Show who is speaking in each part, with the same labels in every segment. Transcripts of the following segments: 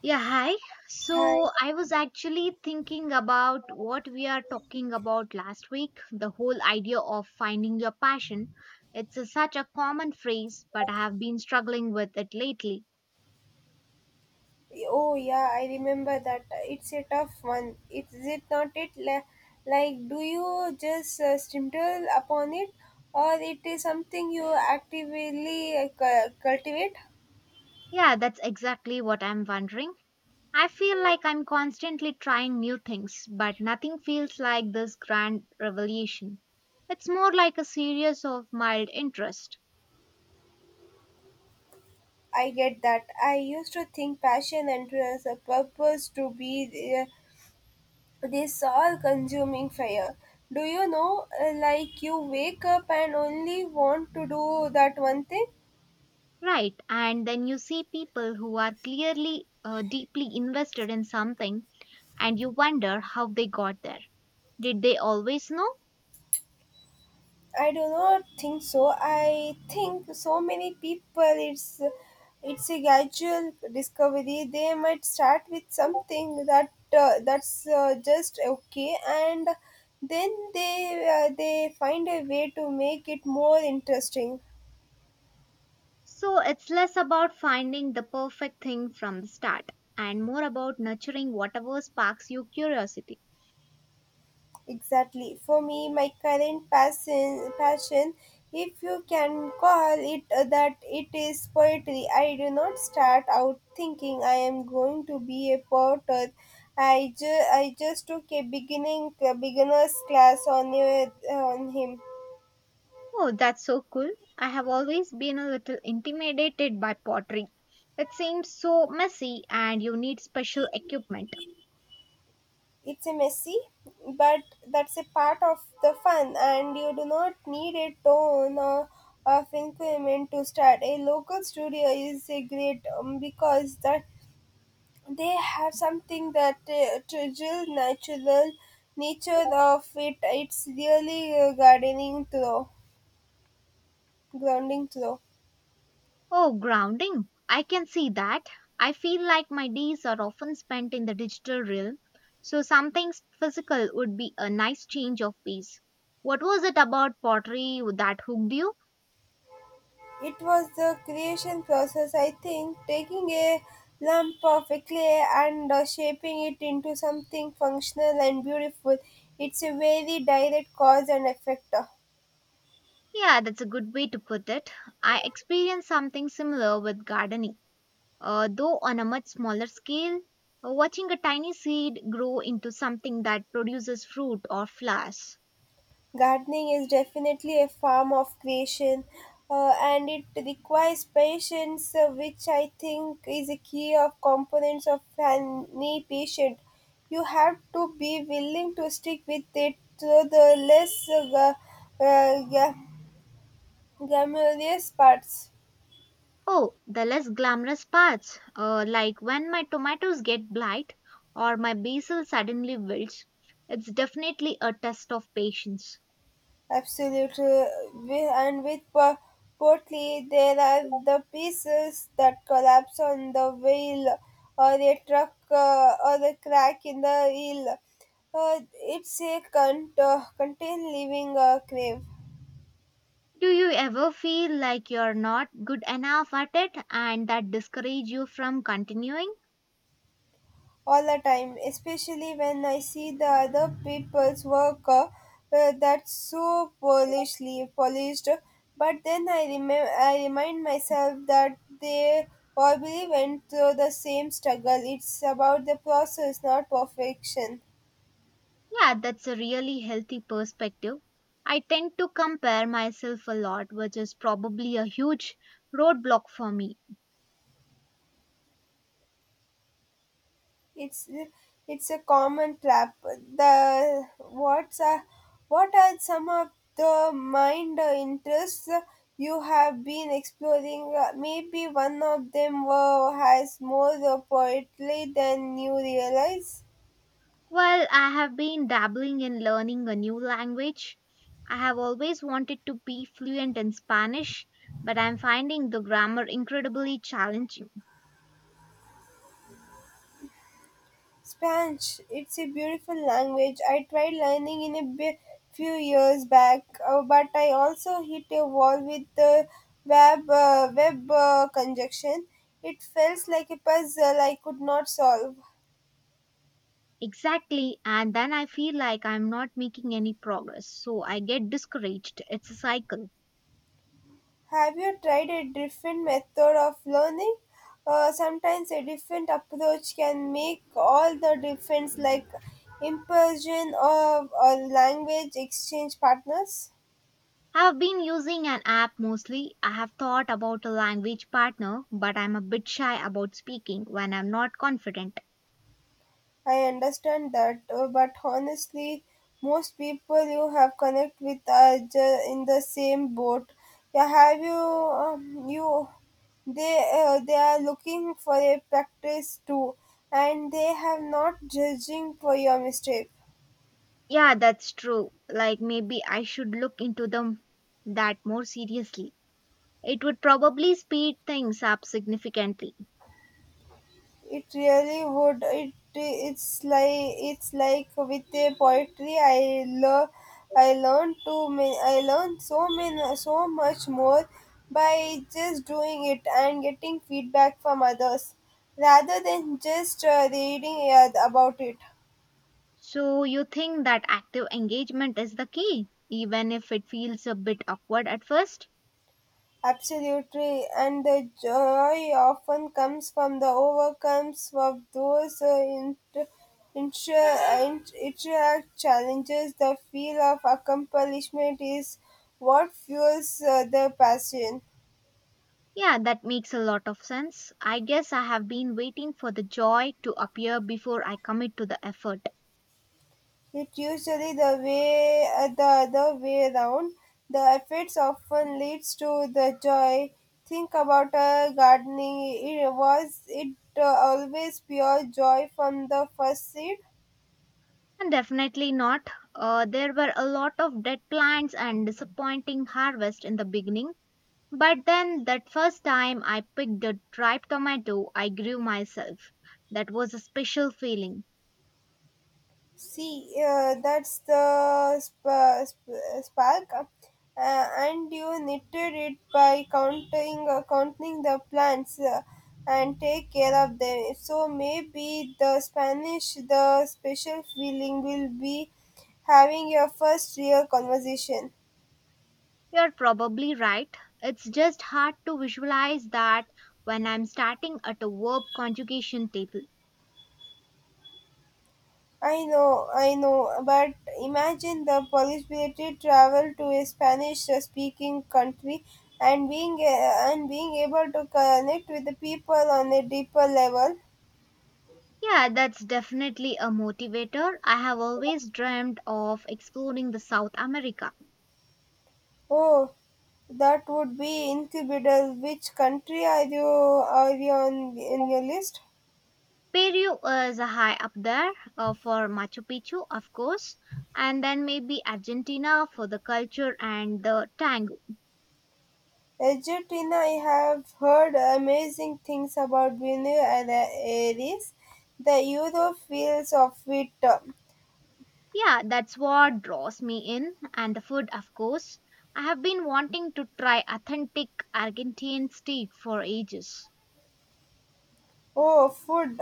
Speaker 1: Yeah, hi.
Speaker 2: Hi.
Speaker 1: So I was actually thinking about what we are talking about last week, the whole idea of finding your passion. It's a, such a common phrase, but I have been struggling with it lately.
Speaker 2: Oh yeah, I remember that. It's a tough one. It is it not? Like do you just stumble upon it, or it is something you actively cultivate?
Speaker 1: Yeah, that's exactly what I'm wondering. I feel like I'm constantly trying new things, but nothing feels like this grand revelation. It's more like a series of mild interest.
Speaker 2: I get that. I used to think passion and purpose to be uh, this all-consuming fire. Do you know? Like you wake up and only want to do that one thing.
Speaker 1: Right. And then you see people who are clearly deeply invested in something and you wonder how they got there. Did they always know?
Speaker 2: I do not think so. I think so many people it's it's a gradual discovery. They might start with something that's just okay, and then they find a way to make it more interesting.
Speaker 1: So it's less about finding the perfect thing from the start and more about nurturing whatever sparks your curiosity.
Speaker 2: Exactly. For me, my current passion, if you can call it that, it is poetry. I do not start out thinking I am going to be a poet. I just took a beginner's class on him.
Speaker 1: Oh, that's so cool. I have always been a little intimidated by pottery. It seems so messy and you need special equipment.
Speaker 2: It's a messy, but that's a part of the fun, and you do not need a ton or of increment to start. A local studio is a great because that they have something that trivial natural nature of it it's really gardening through grounding through.
Speaker 1: Oh, grounding. I can see that. I feel like my days are often spent in the digital realm, so something physical would be a nice change of pace. What was it about pottery that hooked you?
Speaker 2: It was the creation process. I think taking a lump of a clay and shaping it into something functional and beautiful. It's a very direct cause and effect.
Speaker 1: Yeah, that's a good way to put it. I experienced something similar with gardening, though on a much smaller scale. Watching a tiny seed grow into something that produces fruit or flowers.
Speaker 2: Gardening is definitely a form of creation, and it requires patience, which I think is a key of components of any patient. You have to be willing to stick with it through the less glamorous parts.
Speaker 1: Oh, the less glamorous parts, like when my tomatoes get blight or my basil suddenly wilts, it's definitely a test of patience.
Speaker 2: Absolutely, and with Portly, there are the pieces that collapse on the wheel, or a truck, or a crack in the wheel. It's a contain living crave.
Speaker 1: Do you ever feel like you're not good enough at it and that discourage you from continuing?
Speaker 2: All the time, especially when I see the other people's work, that's so polishly polished. But then I remind myself that they probably went through the same struggle. It's about the process, not perfection.
Speaker 1: Yeah, that's a really healthy perspective. I tend to compare myself a lot, which is probably a huge roadblock for me.
Speaker 2: it's it's a common trap. What are some of the mind interests you have been exploring? Maybe one of them has more poetry than you realize.
Speaker 1: Well, I have been dabbling in learning a new language. I have always wanted to be fluent in Spanish, but I'm finding the grammar incredibly challenging.
Speaker 2: Spanish, it's a beautiful language. I tried learning in few years back, but I also hit a wall with the web conjunction. It felt like a puzzle I could not solve.
Speaker 1: Exactly, and then I feel like I'm not making any progress, so I get discouraged. It's a cycle.
Speaker 2: Have you tried a different method of learning? Sometimes a different approach can make all the difference, like immersion of a language exchange partners.
Speaker 1: I've been using an app mostly. I have thought about a language partner, but I'm a bit shy about speaking when I'm not confident.
Speaker 2: I understand that, but honestly, most people you have connect with are in the same boat. Yeah, have you you they are looking for a practice too, and they have not judging for your mistake.
Speaker 1: Yeah, that's true. Like maybe I should look into them that more seriously. It would probably speed things up significantly.
Speaker 2: It really would. It's like with the poetry. I love. I learned so much more by just doing it and getting feedback from others rather than just reading about it.
Speaker 1: So, you think that active engagement is the key, even if it feels a bit awkward at first?
Speaker 2: Absolutely, and the joy often comes from the overcomes of those inter- interact challenges. The feel of accomplishment is what fuels the passion.
Speaker 1: Yeah, that makes a lot of sense. I guess I have been waiting for the joy to appear before I commit to the effort.
Speaker 2: It usually the way, the other way around. The efforts often leads to the joy. Think about gardening. It was it always pure joy from the first seed.
Speaker 1: And definitely not. There were a lot of dead plants and disappointing harvest in the beginning. But then, that first time I picked a ripe tomato, I grew myself. That was a special feeling.
Speaker 2: See, that's the spark, and you knitted it by counting the plants, and take care of them. So maybe the Spanish, the special feeling will be having your first real conversation.
Speaker 1: You're probably right. It's just hard to visualize that when I'm starting at a verb conjugation table.
Speaker 2: I know, but imagine the possibility travel to a Spanish-speaking country and being able to connect with the people on a deeper level.
Speaker 1: Yeah, that's definitely a motivator. I have always dreamed of exploring the South America.
Speaker 2: Oh, that would be incredible. Which country are you on in your list?
Speaker 1: Peru is high up there for Machu Picchu, of course, and then maybe Argentina for the culture and the tango.
Speaker 2: Argentina, I have heard amazing things about Buenos Aires. The euro feels of it.
Speaker 1: Yeah, that's what draws me in, and the food, of course. I have been wanting to try authentic Argentine street for ages.
Speaker 2: Oh, food.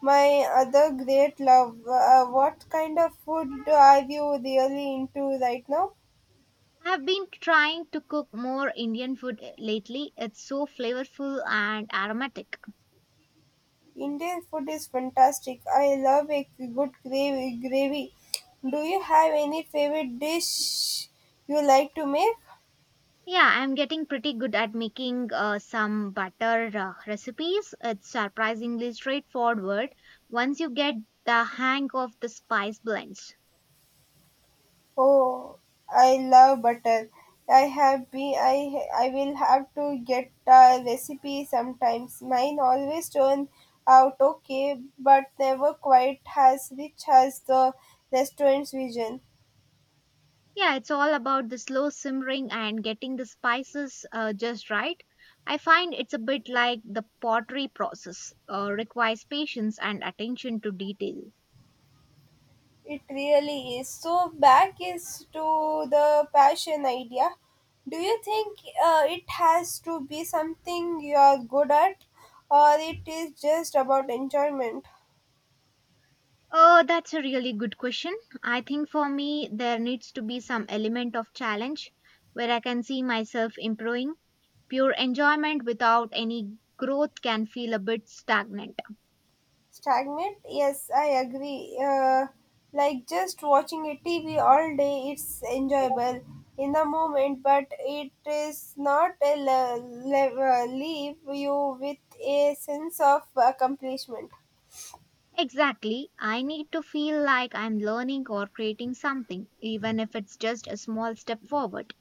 Speaker 2: My other great love. What kind of food are you really into right now?
Speaker 1: I have been trying to cook more Indian food lately. It's so flavorful and aromatic.
Speaker 2: Indian food is fantastic. I love a good gravy. Do you have any favorite dish you like to make?
Speaker 1: Yeah, I'm getting pretty good at making some butter recipes. It's surprisingly straightforward once you get the hang of the spice blends.
Speaker 2: Oh, I love butter. I will have to get a recipe sometimes. Mine always turn out okay, but never quite as rich as the restaurant's vision.
Speaker 1: Yeah, it's all about the slow simmering and getting the spices just right. I find it's a bit like the pottery process, requires patience and attention to detail.
Speaker 2: It really is. So back is to the passion idea. Do you think it has to be something you are good at, or it is just about enjoyment?
Speaker 1: Oh, that's a really good question. I think for me, there needs to be some element of challenge where I can see myself improving. Pure enjoyment without any growth can feel a bit stagnant.
Speaker 2: Stagnant? Yes, I agree. Like just watching a TV all day, it's enjoyable in the moment, but it is not a leave you with a sense of accomplishment.
Speaker 1: Exactly. I need to feel like I'm learning or creating something, even if it's just a small step forward.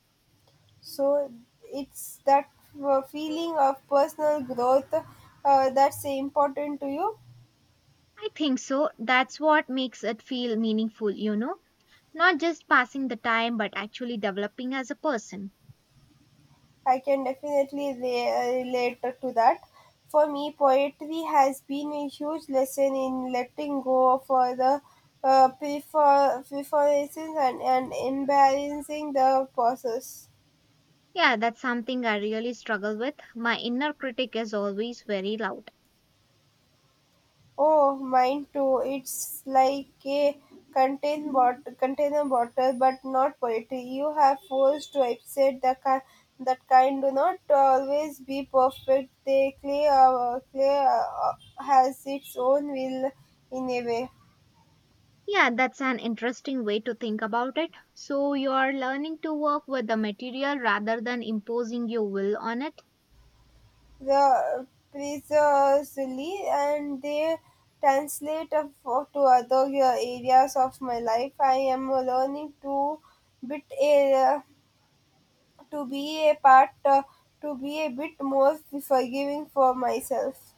Speaker 2: So it's that feeling of personal growth, that's important to you.
Speaker 1: I think so. That's what makes it feel meaningful, you know, not just passing the time, but actually developing as a person.
Speaker 2: I can definitely relate to that. For me, poetry has been a huge lesson in letting go for the preferences, and embarrassing the process.
Speaker 1: Yeah, that's something I really struggle with. My inner critic is always very loud.
Speaker 2: Oh, mine too. It's like a container bottle, but not poetry. You have forced to accept the that kind do not always be perfect. They clay has its own will in a way.
Speaker 1: Yeah, that's an interesting way to think about it. So, you are learning to work with the material rather than imposing your will on it.
Speaker 2: The precisely, and they translate to other areas of my life. I am learning bit a to be a part uh, to be a bit more forgiving for myself.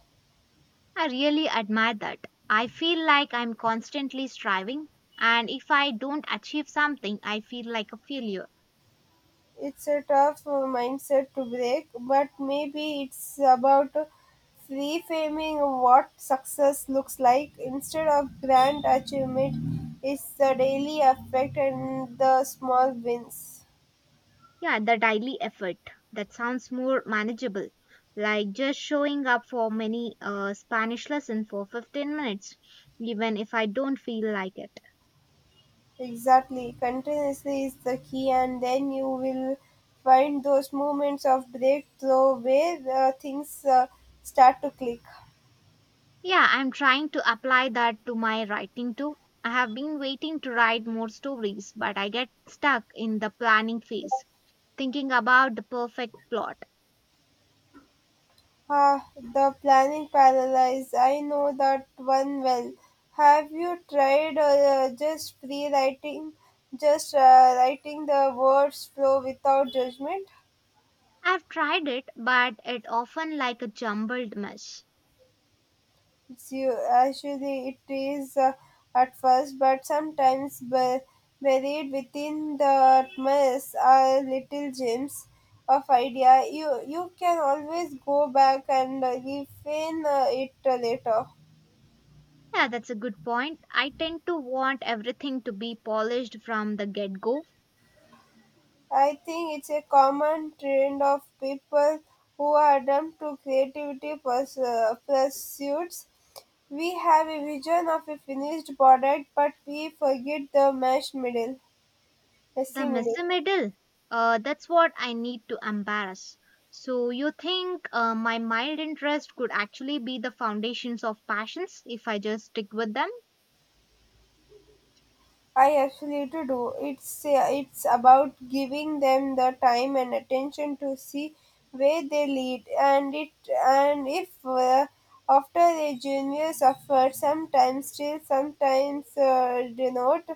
Speaker 1: I really admire that. I feel like I'm constantly striving, and if I don't achieve something, I feel like a failure.
Speaker 2: It's a tough mindset to break, but maybe it's about reframing what success looks like. Instead of grand achievement, it's the daily effect and the small wins.
Speaker 1: Yeah, the daily effort. That sounds more manageable, like just showing up for many Spanish lesson for 15 minutes, even if I don't feel like it.
Speaker 2: Exactly, continuously is the key, and then you will find those moments of breakthrough where things start to click.
Speaker 1: Yeah, I'm trying to apply that to my writing too. I have been waiting to write more stories, but I get stuck in the planning phase, thinking about the perfect plot.
Speaker 2: Ah, the planning paralysis. I know that one well. Have you tried just free writing, just writing the words flow without judgment?
Speaker 1: I've tried it, but it often like a jumbled mess.
Speaker 2: It's you, actually, it is at first, but sometimes buried within the mess are little gems of idea. You can always go back and refine it later.
Speaker 1: Yeah, that's a good point. I tend to want everything to be polished from the get go.
Speaker 2: I think it's a common trend of people who are drawn to creativity pursuits. We have a vision of a finished product, but we forget the mesh middle,
Speaker 1: The
Speaker 2: messy middle.
Speaker 1: messy middle, that's what I need to embarrass. So, you think my mild interest could actually be the foundations of passions if I just stick with them?
Speaker 2: I absolutely do. It's about giving them the time and attention to see where they lead, and it and if, after a genius effort, sometimes denote,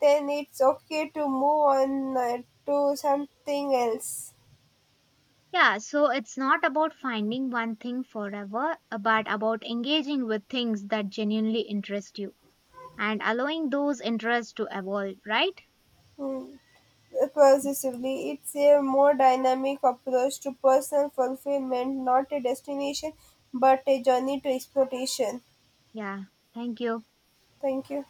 Speaker 2: then it's okay to move on to something else.
Speaker 1: Yeah, so it's not about finding one thing forever, but about engaging with things that genuinely interest you and allowing those interests to evolve, right?
Speaker 2: Hmm. Possessively, it's a more dynamic approach to personal fulfillment, not a destination, but a journey to exploration.
Speaker 1: Yeah, thank you.
Speaker 2: Thank you.